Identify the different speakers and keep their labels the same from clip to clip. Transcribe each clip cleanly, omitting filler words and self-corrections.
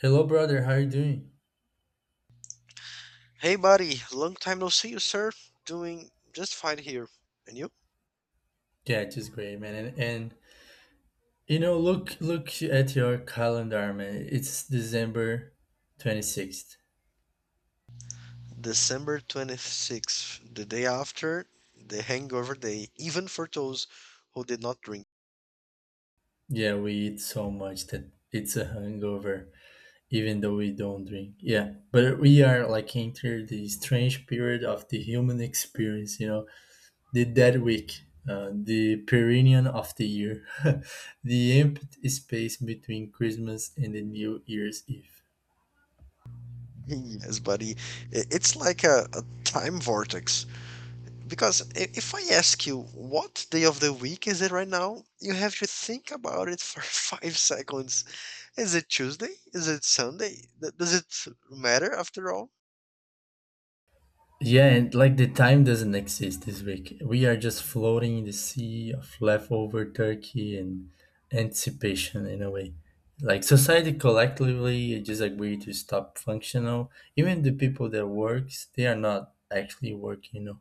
Speaker 1: Hello, brother. How are you doing?
Speaker 2: Hey, buddy, long time no see you, sir. Doing just fine here. And you?
Speaker 1: Yeah, just great, man. And you know, look at your calendar, man. It's December 26th.
Speaker 2: December 26th, the day after the hangover day, even for those who did not drink.
Speaker 1: Yeah, we eat so much that it's a hangover, even though we don't drink. Yeah, but we are like enter the strange period of the human experience. You know, the dead week, the perineum of the year, the empty space between Christmas and the New Year's Eve.
Speaker 2: Yes, buddy, it's like a time vortex. Because if I ask you what day of the week is it right now, you have to think about it for 5 seconds. Is it Tuesday? Is it Sunday? Does it matter after all?
Speaker 1: Yeah, and like the time doesn't exist this week. We are just floating in the sea of leftover turkey and anticipation in a way. Like society collectively just agreed to stop functional. Even the people that works, they are not actually working, you know.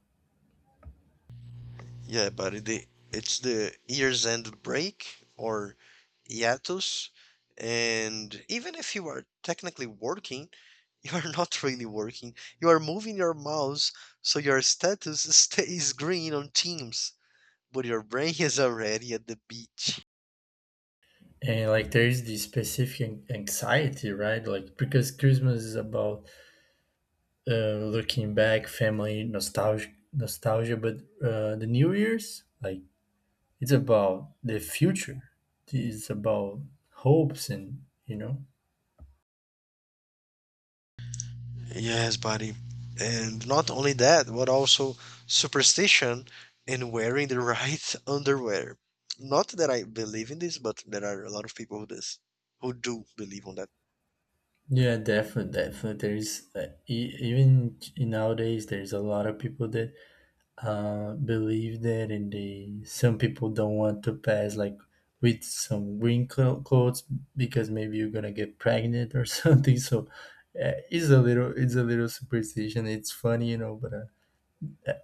Speaker 2: Yeah, but the it's the year's end break or hiatus, and even if you are technically working, you are not really working. You are moving your mouse, so your status stays green on Teams, but your brain is already at the beach.
Speaker 1: And like there is this specific anxiety, right? Like because Christmas is about looking back, family, nostalgia, nostalgia. But the New Year's, like it's about the future. It's about hopes and you know.
Speaker 2: Yes, buddy. And not only that, but also superstition and wearing the right underwear. Not that I believe in this, but there are a lot of people who this who do believe on that.
Speaker 1: Yeah, definitely, definitely. There is even in nowadays there's a lot of people that believe that, and they some people don't want to pass like with some green clothes because maybe you're gonna get pregnant or something. So it's a little superstition. It's funny, you know, but. Uh,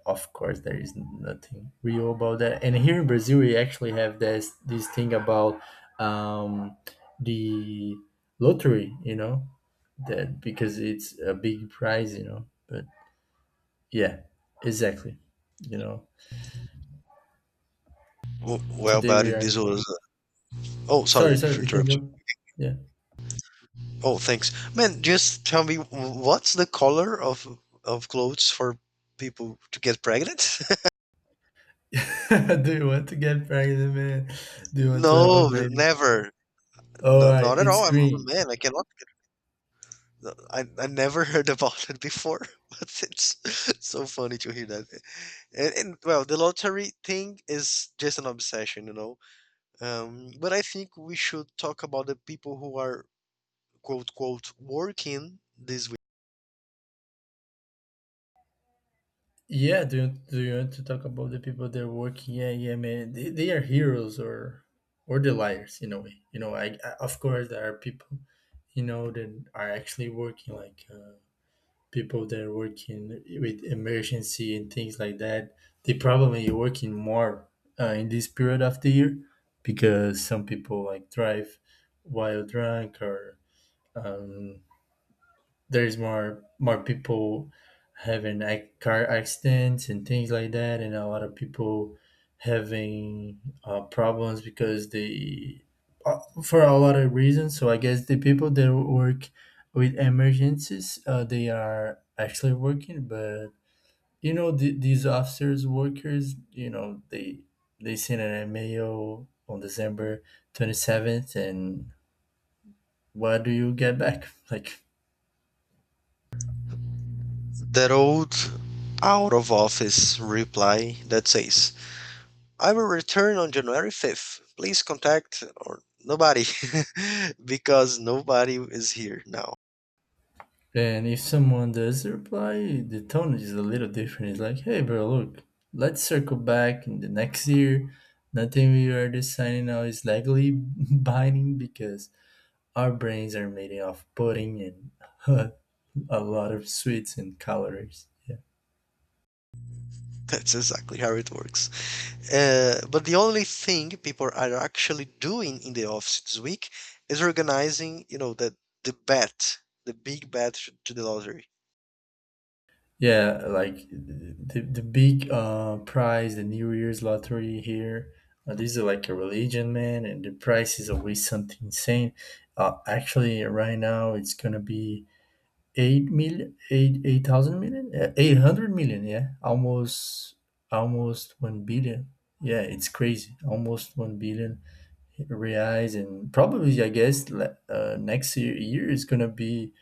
Speaker 1: Of course, there is nothing real about that. And here in Brazil, we actually have this thing about um, the lottery, you know, that because it's a big prize, you know. But yeah, exactly. You know,
Speaker 2: Well,
Speaker 1: today
Speaker 2: buddy,
Speaker 1: we are.
Speaker 2: this was. Oh,
Speaker 1: Sorry,
Speaker 2: sorry
Speaker 1: sorry.
Speaker 2: to
Speaker 1: You can
Speaker 2: interrupt you.
Speaker 1: go. Yeah.
Speaker 2: Oh, thanks, man. Just tell me, what's the color of clothes for people to get pregnant?
Speaker 1: Do you want to get pregnant, man? Do you want to have a
Speaker 2: No,
Speaker 1: baby?
Speaker 2: never.
Speaker 1: All
Speaker 2: No,
Speaker 1: right,
Speaker 2: not at
Speaker 1: it's
Speaker 2: all. I'm a
Speaker 1: green.
Speaker 2: man. I cannot. No, I never heard about it before, but it's so funny to hear that. And well, the lottery thing is just an obsession. But I think we should talk about the people who are quote quote working this week.
Speaker 1: Yeah, do you want to talk about the people that are working? Yeah, yeah, man, they are heroes or the liars in a way. You know, I of course there are people, you know, that are actually working like people that are working with emergency and things like that. They probably working more in this period of the year because some people like drive while drunk or um, there's more people having like car accidents and things like that, and a lot of people having problems because they for a lot of reasons. So I guess the people that work with emergencies, they are actually working, but you know these officers workers, you know they sent an email on December 27th, and what do you get back like?
Speaker 2: That old out of office reply that says, I will return on January 5th. Please contact or nobody because nobody is here now.
Speaker 1: And if someone does reply, the tone is a little different. It's like, hey, bro, look, let's circle back in the next year. Nothing we are deciding now is legally binding because our brains are made of pudding and a lot of sweets and calories. Yeah,
Speaker 2: That's exactly how it works. But the only thing people are actually doing in the office this week is organizing, the bet, the big bet to the lottery.
Speaker 1: yeah like the big prize, the New Year's lottery here. This is like a religion, man, and the price is always something insane. Actually, right now it's gonna be 8 million, eight thousand million. Yeah, 800 million. Yeah, almost 1 billion. Yeah, it's crazy. Almost 1 billion reais, and probably I guess next year is gonna be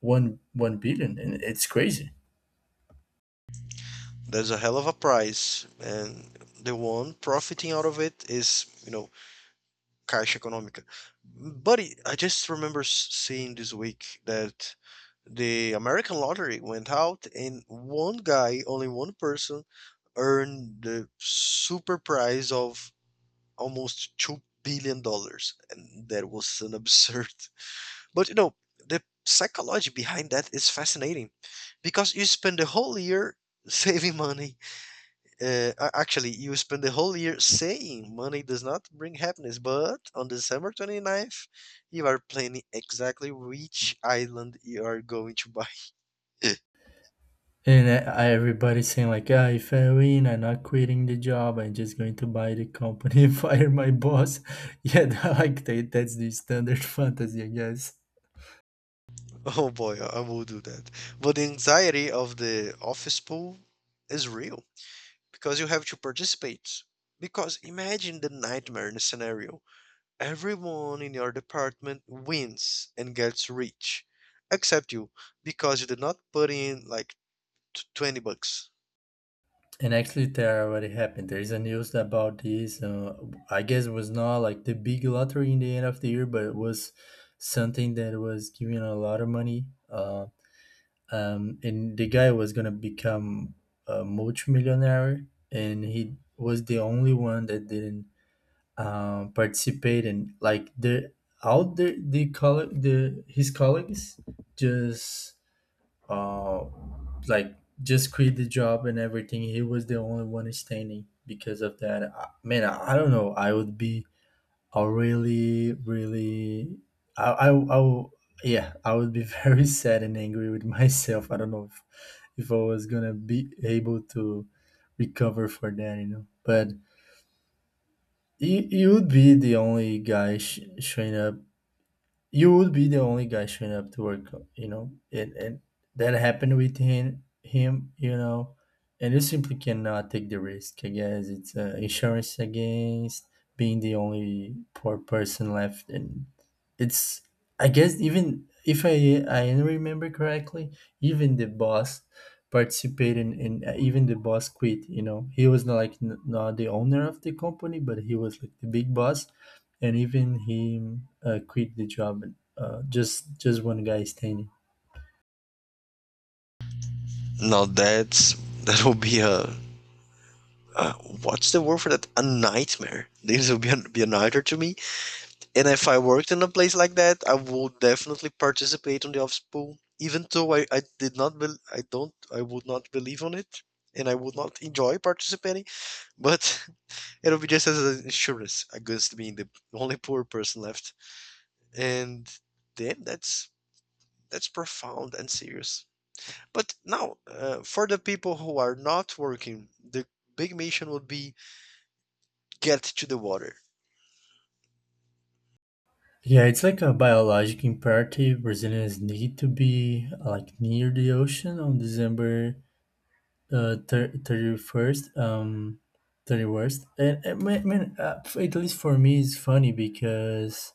Speaker 1: one billion, and it's crazy.
Speaker 2: There's a hell of a prize, and the one profiting out of it is Caixa Econômica. Buddy, I just remember seeing this week that the American lottery went out and one guy, only one person, earned the super prize of almost $2 billion, and that was an absurd. But the psychology behind that is fascinating because you spend the whole year saving money actually, you spend the whole year saying money does not bring happiness, but on December 29th, you are planning exactly which island you are going to buy.
Speaker 1: Everybody's saying like, ah, if I win, I'm not quitting the job. I'm just going to buy the company, fire my boss. Yeah, like that's the standard fantasy, I guess.
Speaker 2: Oh boy, I will do that. But the anxiety of the office pool is real because you have to participate. Because imagine the nightmare in a scenario. Everyone in your department wins and gets rich, except you, because you did not put in like 20 bucks.
Speaker 1: And actually, there already happened. There is a news about this. I guess it was not like the big lottery in the end of the year, but it was something that was giving a lot of money. And the guy was gonna become a multimillionaire, and he was the only one that didn't participate. And like the colleague, the his colleagues just uh like just quit the job and everything. He was the only one standing because of that. Man, I don't know. I would be a really, really, I, I, I, will- yeah, I would be very sad and angry with myself. I don't know if I was gonna be able to recover for that, you know. But you would be the only guy showing up you would be the only guy showing up to work, you know. And that happened with him, you know, and you simply cannot take the risk. I guess it's insurance against being the only poor person left. And it's, I guess even if I I remember correctly, even the boss participated in, even the boss quit, you know. He was not like not the owner of the company, but he was like the big boss, and even he quit the job. Just one guy standing.
Speaker 2: Now that will be a uh, what's the word for that? A nightmare. This will be a nightmare to me. And if I worked in a place like that, I would definitely participate on the office pool, even though I did not bel I would not believe on it, and I would not enjoy participating. But it'll be just as an insurance against being the only poor person left. And then that's profound and serious. But now, for the people who are not working, the big mission would be get to the water.
Speaker 1: Yeah, it's like a biologic imperative. Brazilians need to be like near the ocean on December 31st, 30 worst, and, man at least for me, it's funny because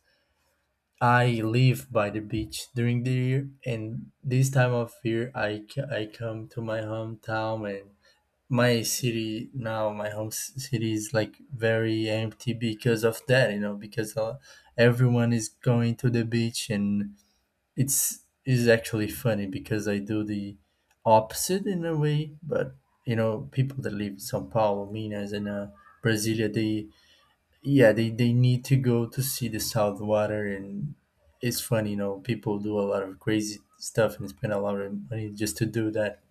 Speaker 1: I live by the beach during the year, and this time of year, I come to my hometown, and my city now, my home city is like very empty because of that, you know, because everyone is going to the beach, and it's, is actually funny because I do the opposite in a way. But you know, people that live in São Paulo, Minas, and Brasilia, they yeah, they need to go to see the salt water, and it's funny. You know, people do a lot of crazy stuff and spend a lot of money just to do that.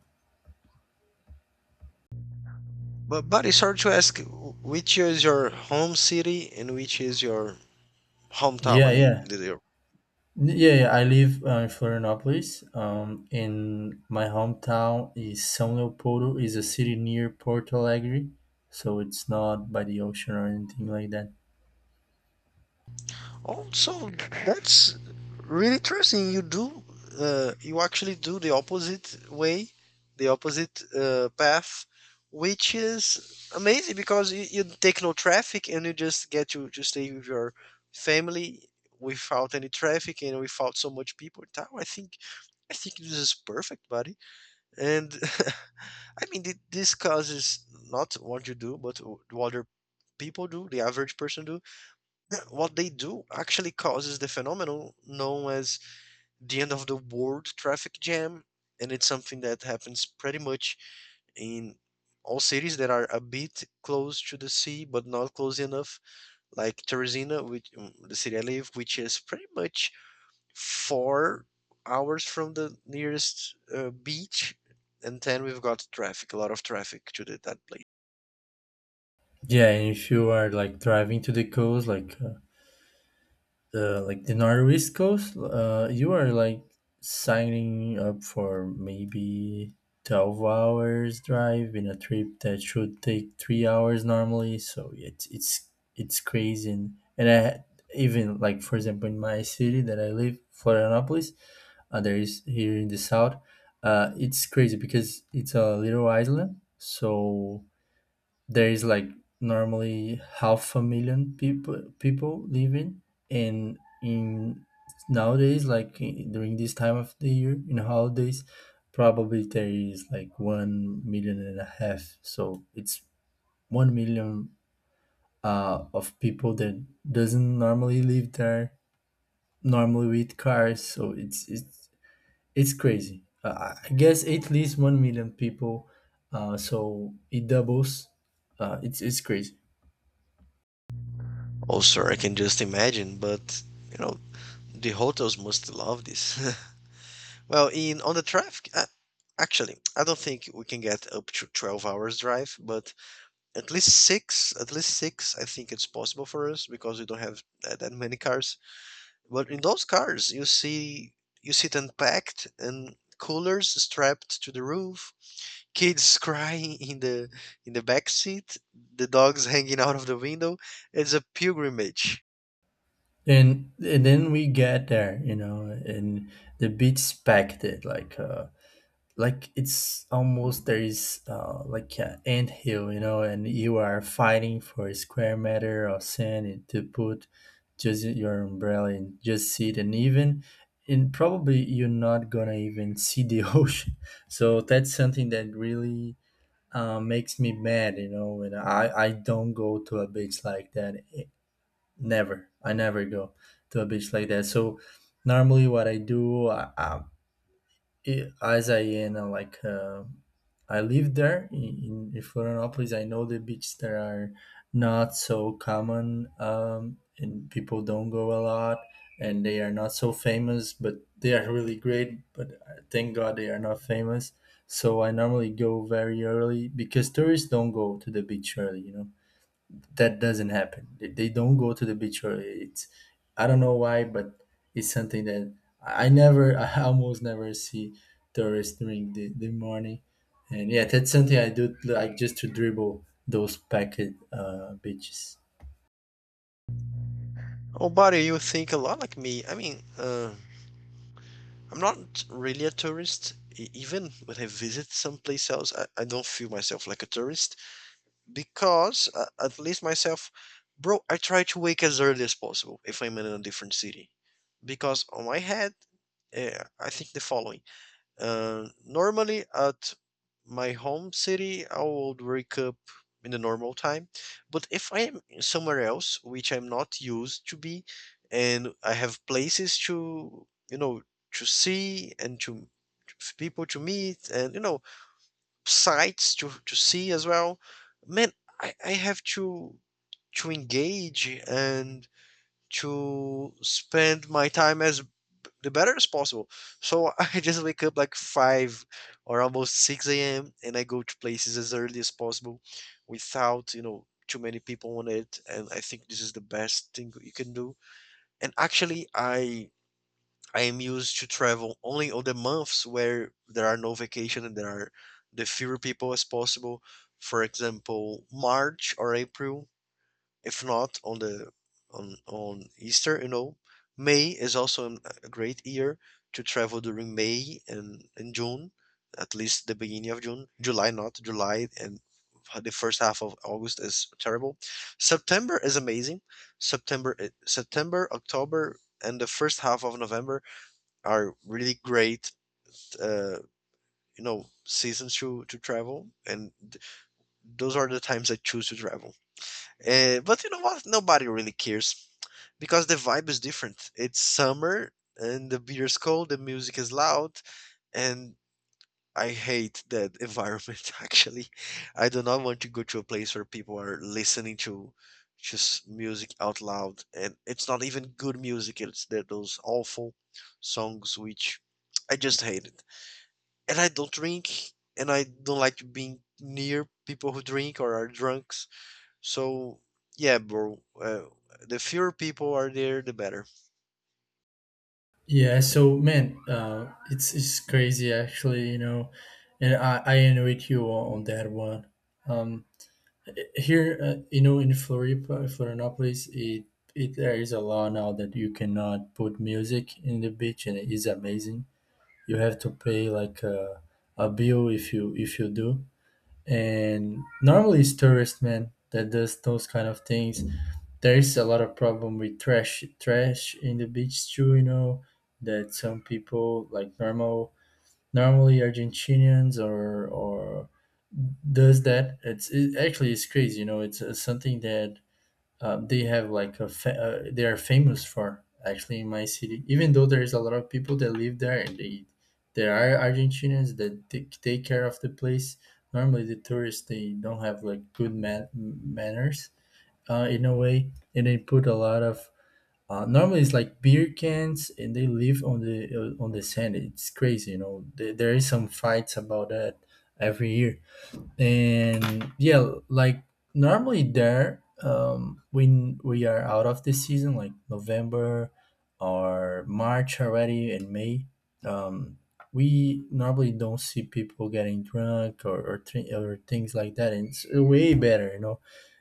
Speaker 2: But it's hard to ask which is your home city and which is your hometown. I
Speaker 1: Yeah,
Speaker 2: mean,
Speaker 1: yeah.
Speaker 2: your.
Speaker 1: Yeah, yeah, I live in Florianópolis. In my hometown is São Leopoldo, is a city near Porto Alegre, so it's not by the ocean or anything like that.
Speaker 2: Also, that's really interesting. You actually do the opposite way, the opposite path, which is amazing because you take no traffic and you just get to stay with your family without any traffic and without so much people. I think this is perfect, buddy. And I mean, this causes not what you do, but what other people do, the average person do what they do actually causes the phenomenon known as the end of the world traffic jam, and it's something that happens pretty much in all cities that are a bit close to the sea but not close enough, like Teresina, which the city I live, which is pretty much 4 hours from the nearest beach, and then we've got traffic, a lot of traffic to that place.
Speaker 1: Yeah, and if you are like driving to the coast, like the like the northeast coast, you are like signing up for maybe 12 hours drive in a trip that should take 3 hours normally, so it's crazy. And I even Like for example in my city that I live Florianopolis, there is here in the south, it's crazy because it's a little island, so there is like normally half a million people living, and in nowadays like during this time of the year in holidays, probably there is like 1 million and a half. So it's 1 million of people that doesn't normally live there, normally with cars, so it's crazy. I guess at least 1 million people, so it doubles. It's crazy.
Speaker 2: Oh, sir, I can just imagine, but you know, the hotels must love this. Well, in on the traffic, actually, I don't think we can get up to 12 hours drive, but at least six, I think it's possible for us because we don't have that many cars. But in those cars, you see them packed and coolers strapped to the roof, kids crying in the back seat, the dogs hanging out of the window. It's a pilgrimage.
Speaker 1: And then we get there, you know, and the beat's packed. It like it's almost, there is like an ant hill, you know, and you are fighting for a square meter of sand to put just your umbrella and just sit, and even, and probably you're not gonna even see the ocean. So that's something that really makes me mad, you know, when i don't go to a beach like that. Never. I never go to a beach like that. So normally, what I do, I- as I in like I live there in Florianópolis. I know the beaches there are not so common, and people don't go a lot, and they are not so famous. But they are really great. But thank God they are not famous. So I normally go very early because tourists don't go to the beach early. You know that doesn't happen. They don't go to the beach, or it's, I don't know why, but it's something that I never I almost never see tourists during the morning. And yeah, that's something I do like just to dribble those packed beaches.
Speaker 2: Oh, buddy, you think a lot like me. I mean, I'm not really a tourist. Even when I visit someplace else, I don't feel myself like a tourist because, at least myself, bro, I try to wake as early as possible if I'm in a different city. Because on my head, I think the following. Normally at my home city, I would wake up in the normal time. But if I am somewhere else, which I'm not used to be, and I have places to see and to people to meet and, sights to see as well, man, I have to engage and to spend my time as the better as possible. So I just wake up like 5 or almost 6 a.m. and I go to places as early as possible without, too many people on it. And I think this is the best thing you can do. And actually, I am used to travel only on the months where there are no vacation and there are the fewer people as possible. For example, March or April if not on the on Easter. May is also a great year to travel during May and June, at least the beginning of June. July, not July, and the first half of August is terrible. September is amazing. September, October, and the first half of November are really great. Uh, seasons to travel, and those are the times I choose to travel. But you know what? Nobody really cares because the vibe is different. It's summer and the beer is cold, the music is loud, and I hate that environment actually. I do not want to go to a place where people are listening to just music out loud and it's not even good music, it's that those awful songs which I just hate it. And I don't drink and I don't like being near people who drink or are drunks. So yeah, bro, the fewer people are there, the better.
Speaker 1: Yeah, so man, it's crazy actually, you know, and I agree with you on that one. Um, here you know in floripa florianopolis it there is a law now that you cannot put music in the beach, and it is amazing. You have to pay like a bill if you do, and normally it's tourist man that does those kind of things. There is a lot of problem with trash in the beach too, you know, that some people like normally Argentinians or does that. It's it, actually it's crazy, you know. It's something that they have like a fa- they are famous for actually in my city. Even though there is a lot of people that live there, and they there are Argentinians that take care of the place. Normally the tourists they don't have like good manners, in a way, and they put a lot of normally, it's like beer cans, and they live on the sand. It's crazy, you know. There is some fights about that every year, and yeah, like normally there when we are out of the season like November or March already and May, um we normally don't see people getting drunk or things like that, and it's way better.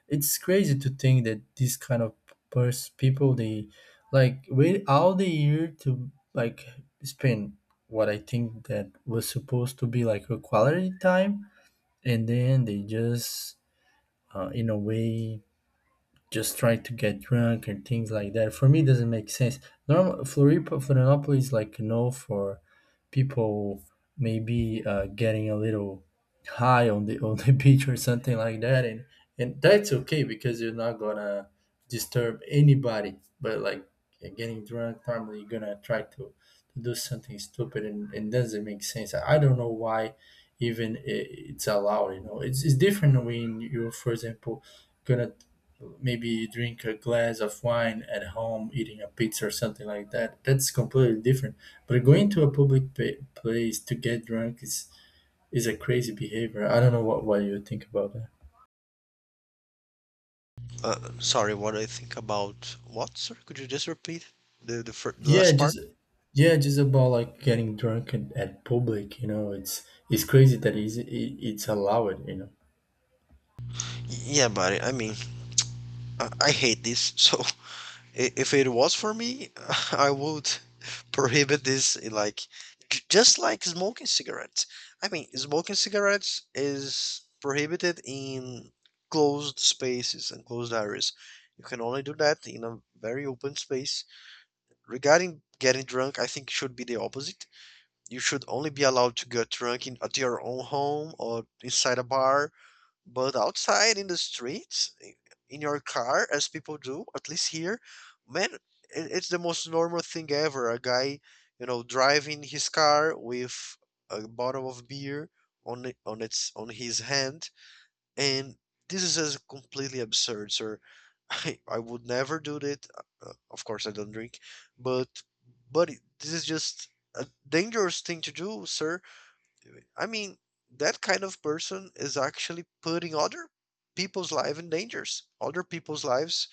Speaker 1: It's crazy to think that these kind of people they like wait all the year to like spend what I think that was supposed to be like a quality time, and then they just in a way just try to get drunk and things like that. For me, it doesn't make sense. Normal Floripa, Florianópolis is like no for people maybe getting a little high on the beach or something like that, and that's okay because you're not gonna disturb anybody. But like getting drunk, probably you're gonna try to do something stupid, and doesn't make sense. I don't know why even it's allowed. You know, it's different when you're, for example, gonna maybe drink a glass of wine at home, eating a pizza or something like that. That's completely different. But going to a public place to get drunk is a crazy behavior. I don't know what you think about that.
Speaker 2: Sorry, what do I think about what? Sorry, could you just repeat the, first, the
Speaker 1: Yeah,
Speaker 2: last part?
Speaker 1: just yeah, just about like getting drunk at public. You know, it's crazy that it's allowed.
Speaker 2: Yeah, buddy. I mean, I hate this. So if it was for me, I would prohibit this. Like just like smoking cigarettes. I mean, smoking cigarettes is prohibited in closed spaces and closed areas. You can only do that in a very open space. Regarding getting drunk, I think it should be the opposite you should only be allowed to get drunk in, at your own home or inside a bar, but outside in the streets, in your car, as people do, at least here, man, it's the most normal thing ever. A guy, driving his car with a bottle of beer on it, on his hand, and this is just completely absurd, sir. I would never do that. Of course, I don't drink, but this is just a dangerous thing to do, sir. I mean, that kind of person is actually putting other people's lives in dangers. Other people's lives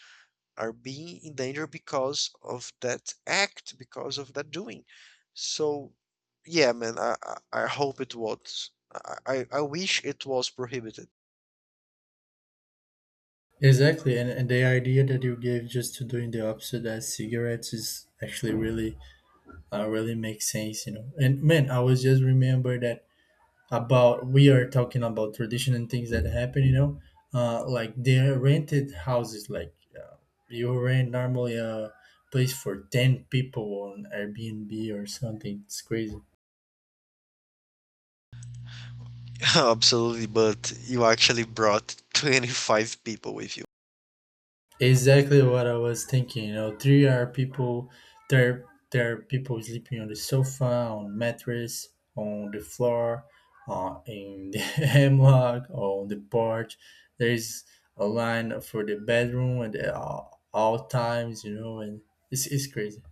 Speaker 2: are being in danger because of that act, because of that doing. So, yeah, man, I hope it was. I wish it was prohibited.
Speaker 1: Exactly, and the idea that you gave just to doing the opposite as cigarettes is actually really makes sense. And man, I was just remember that about we are talking about tradition and things that happen, like they rented houses like, you rent normally a place for 10 people on airbnb or something. It's crazy.
Speaker 2: Absolutely, but you actually brought 25 people with you.
Speaker 1: Exactly what I was thinking. You know, there are people sleeping on the sofa, on mattress, on the floor, in the hemlock, on the porch. There is a line for the bedroom at all times. You know, and it's crazy.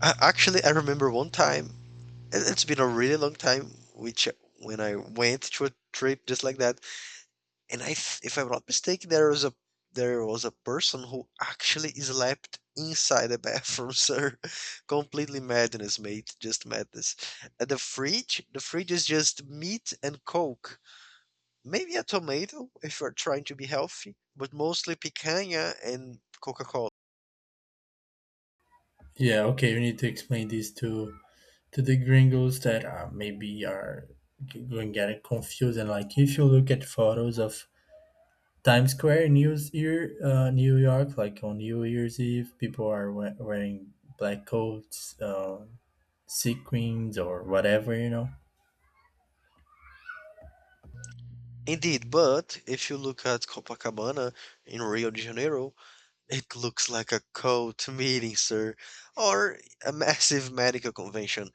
Speaker 2: Actually, I remember one time, it's been a really long time, which when I went to a trip just like that, and if I'm not mistaken, there was a person who actually slept inside the bathroom, sir. Completely madness, mate. Just madness. The fridge is just meat and coke. Maybe a tomato if you're trying to be healthy, but mostly picanha and Coca-Cola.
Speaker 1: Yeah. Okay. We need to explain this to the gringos that are maybe are going getting confused, and like if you look at photos of Times Square, New York, like on New Year's Eve, people are wearing black coats, sequins, or whatever.
Speaker 2: Indeed, but if you look at Copacabana in Rio de Janeiro, it looks like a cult meeting, sir, or a massive medical convention.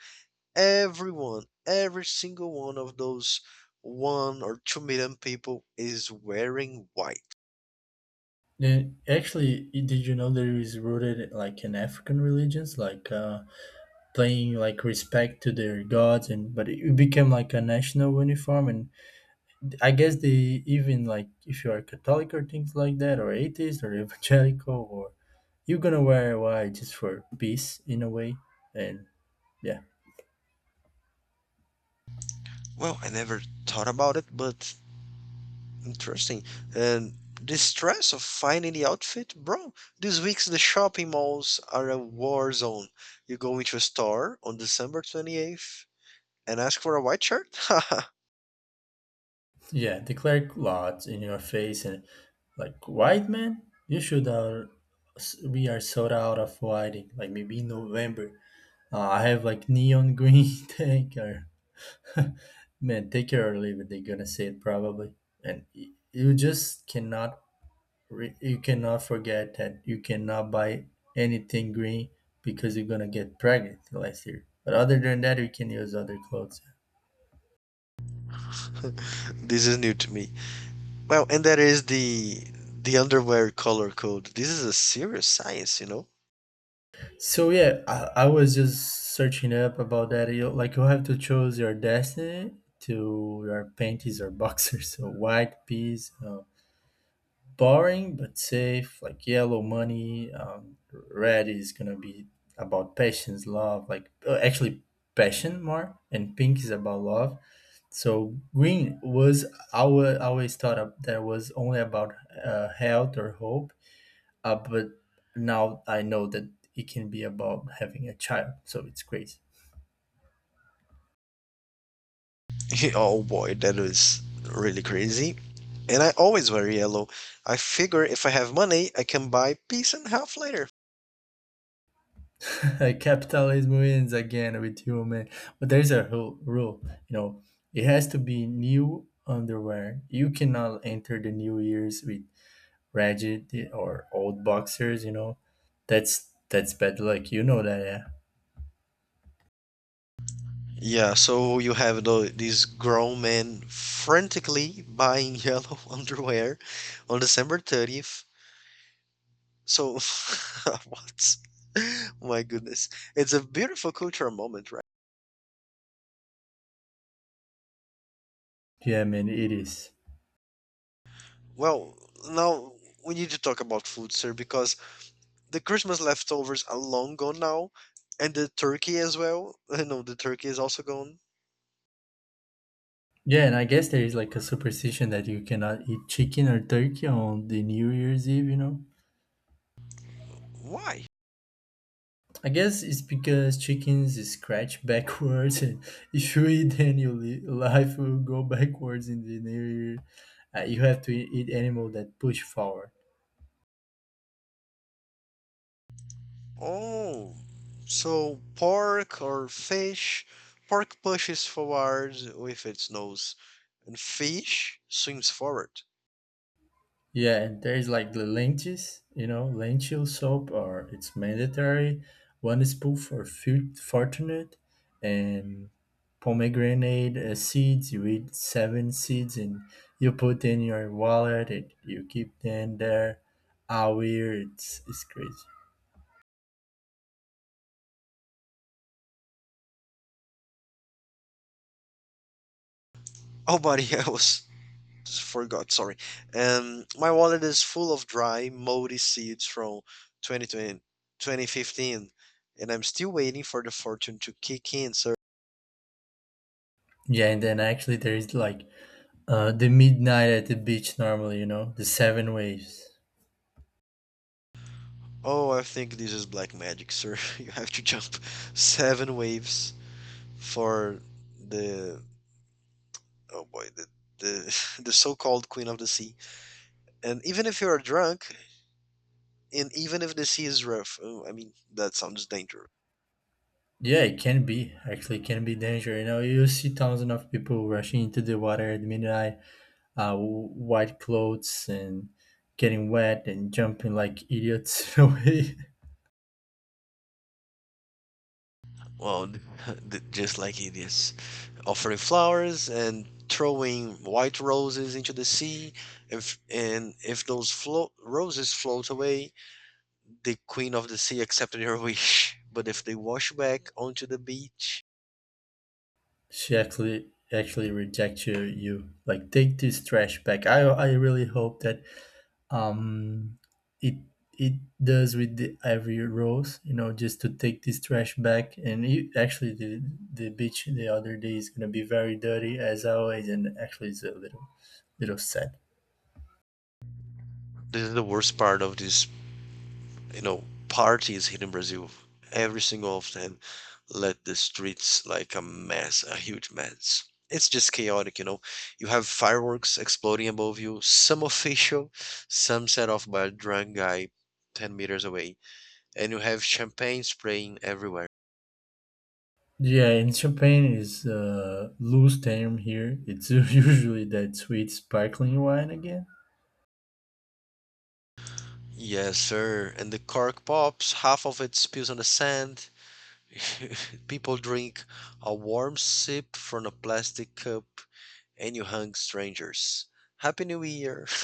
Speaker 2: Everyone, every single one of those 1 or 2 million people is wearing white.
Speaker 1: Then, actually, did you know there is rooted like in African religions, like playing like respect to their gods, and but it became like a national uniform. And I guess they even like if you are Catholic or things like that, or atheist or evangelical, or you're gonna wear white just for peace in a way, and yeah.
Speaker 2: Well, I never thought about it, but interesting. And the stress of finding the outfit, bro. These weeks, the shopping malls are a war zone. You go into a store on December 28th and ask for a white shirt?
Speaker 1: Yeah, the clerk lots in your face and like white man, you should are we are sold out of whiting. Like maybe in November, I have like neon green tank or man, take care or leave it. They're gonna say it probably, and you just cannot you cannot forget that you cannot buy anything green because you're gonna get pregnant last year. But other than that, you can use other clothes.
Speaker 2: This is new to me. Well, and that is the underwear color code. This is a serious science.
Speaker 1: So yeah, I was just searching up about that. You have to choose your destiny to your panties or boxers. So white piece, boring but safe. Like yellow money. Red is gonna be about passions, love. Like actually passion more, and pink is about love. So green was I always thought of that was only about health or hope but now I know that it can be about having a child, so it's crazy.
Speaker 2: Oh boy, that is really crazy. And I always wear yellow. I figure if I have money, I can buy piece and half later.
Speaker 1: Capitalism wins again with you, man. But there's a rule, you know, it has to be new underwear. You cannot enter the new years with ragged or old boxers. That's bad luck. You know that, yeah.
Speaker 2: Yeah, so you have these grown men frantically buying yellow underwear on December 30th. So, what? My goodness. It's a beautiful cultural moment, right?
Speaker 1: Yeah, man, it is.
Speaker 2: Well, now we need to talk about food, sir, because the Christmas leftovers are long gone now, and the turkey as well. No, the turkey is also gone.
Speaker 1: Yeah, and I guess there is like a superstition that you cannot eat chicken or turkey on the New Year's Eve, you know?
Speaker 2: Why?
Speaker 1: I guess it's because chickens scratch backwards, and if you eat, then your life will go backwards in the near. You have to eat animal that push forward.
Speaker 2: Oh, so pork or fish? Pork pushes forward with its nose, and fish swims forward.
Speaker 1: Yeah, and there's like the lentils, lentil soup, or it's mandatory. One spoon for food fortunate, and pomegranate seeds. You eat seven seeds, and you put in your wallet. And you keep them there. How weird! It's crazy.
Speaker 2: Nobody else. forgot, sorry. My wallet is full of dry, moldy seeds from 2020, 2015, and I'm still waiting for the fortune to kick in, sir.
Speaker 1: Yeah, and then actually there is like the midnight at the beach normally, the seven waves.
Speaker 2: Oh, I think this is black magic, sir. You have to jump seven waves for the oh boy, the, the so-called queen of the sea. And even if you are drunk, and even if the sea is rough, oh, I mean that sounds dangerous.
Speaker 1: Yeah, it can be actually can be danger. You know, you see thousands of people rushing into the water at midnight, white clothes and getting wet and jumping like idiots away.
Speaker 2: Well, Just like it is, offering flowers and throwing white roses into the sea. If, and if those roses float away, the queen of the sea accepted her wish. But if they wash back onto the beach,
Speaker 1: She actually rejects you like take this trash back. I really hope that um, it it does with the every rose, just to take this trash back. And it, actually, the beach the other day is gonna be very dirty as always, and actually, it's a little sad.
Speaker 2: this is the worst part of this, parties here in Brazil. Every single of them let the streets like a mess, a huge mess. It's just chaotic, you know. You have fireworks exploding above you, some official, some set off by a drunk guy 10 meters away and you have champagne spraying everywhere.
Speaker 1: Yeah, in Champagne is a loose term here. It's usually that sweet sparkling wine again.
Speaker 2: Yes, sir. And the cork pops, half of it spills on the sand. People drink a warm sip from a plastic cup, and you hug strangers. Happy New Year!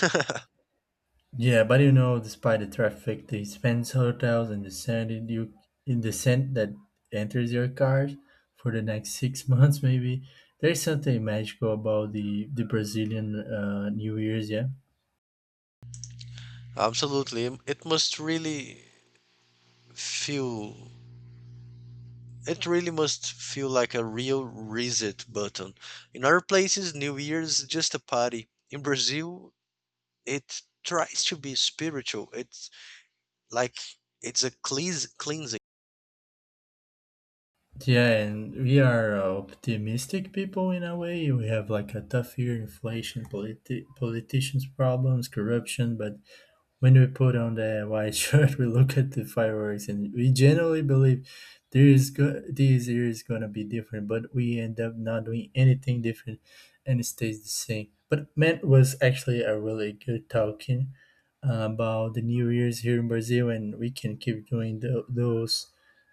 Speaker 1: Yeah, but you know, despite the traffic, the expense hotels and the scent that enters your car for the next 6 months, maybe there's something magical about the Brazilian New Year's. Yeah,
Speaker 2: Absolutely. It must really feel. It really must feel like a real reset button. In other places, New Year's is just a party. In Brazil, it tries to be spiritual. It Like it's a cleansing.
Speaker 1: yeah, and we are optimistic people in a way. We have like a tough year, inflation, politicians' problems, corruption, but when we put on the white shirt, we look at the fireworks, and we generally believe this year is gonna be different. But we end up not doing anything different, and it stays the same. But Matt was actually a really good talking about the New Year's here in Brazil, and we can keep doing those.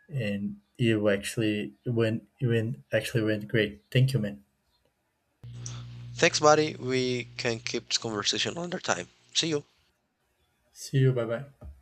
Speaker 1: And it actually went, it went actually went great. Thank you, man.
Speaker 2: Thanks, buddy. We can keep this conversation another time. See you.
Speaker 1: See you. Bye bye.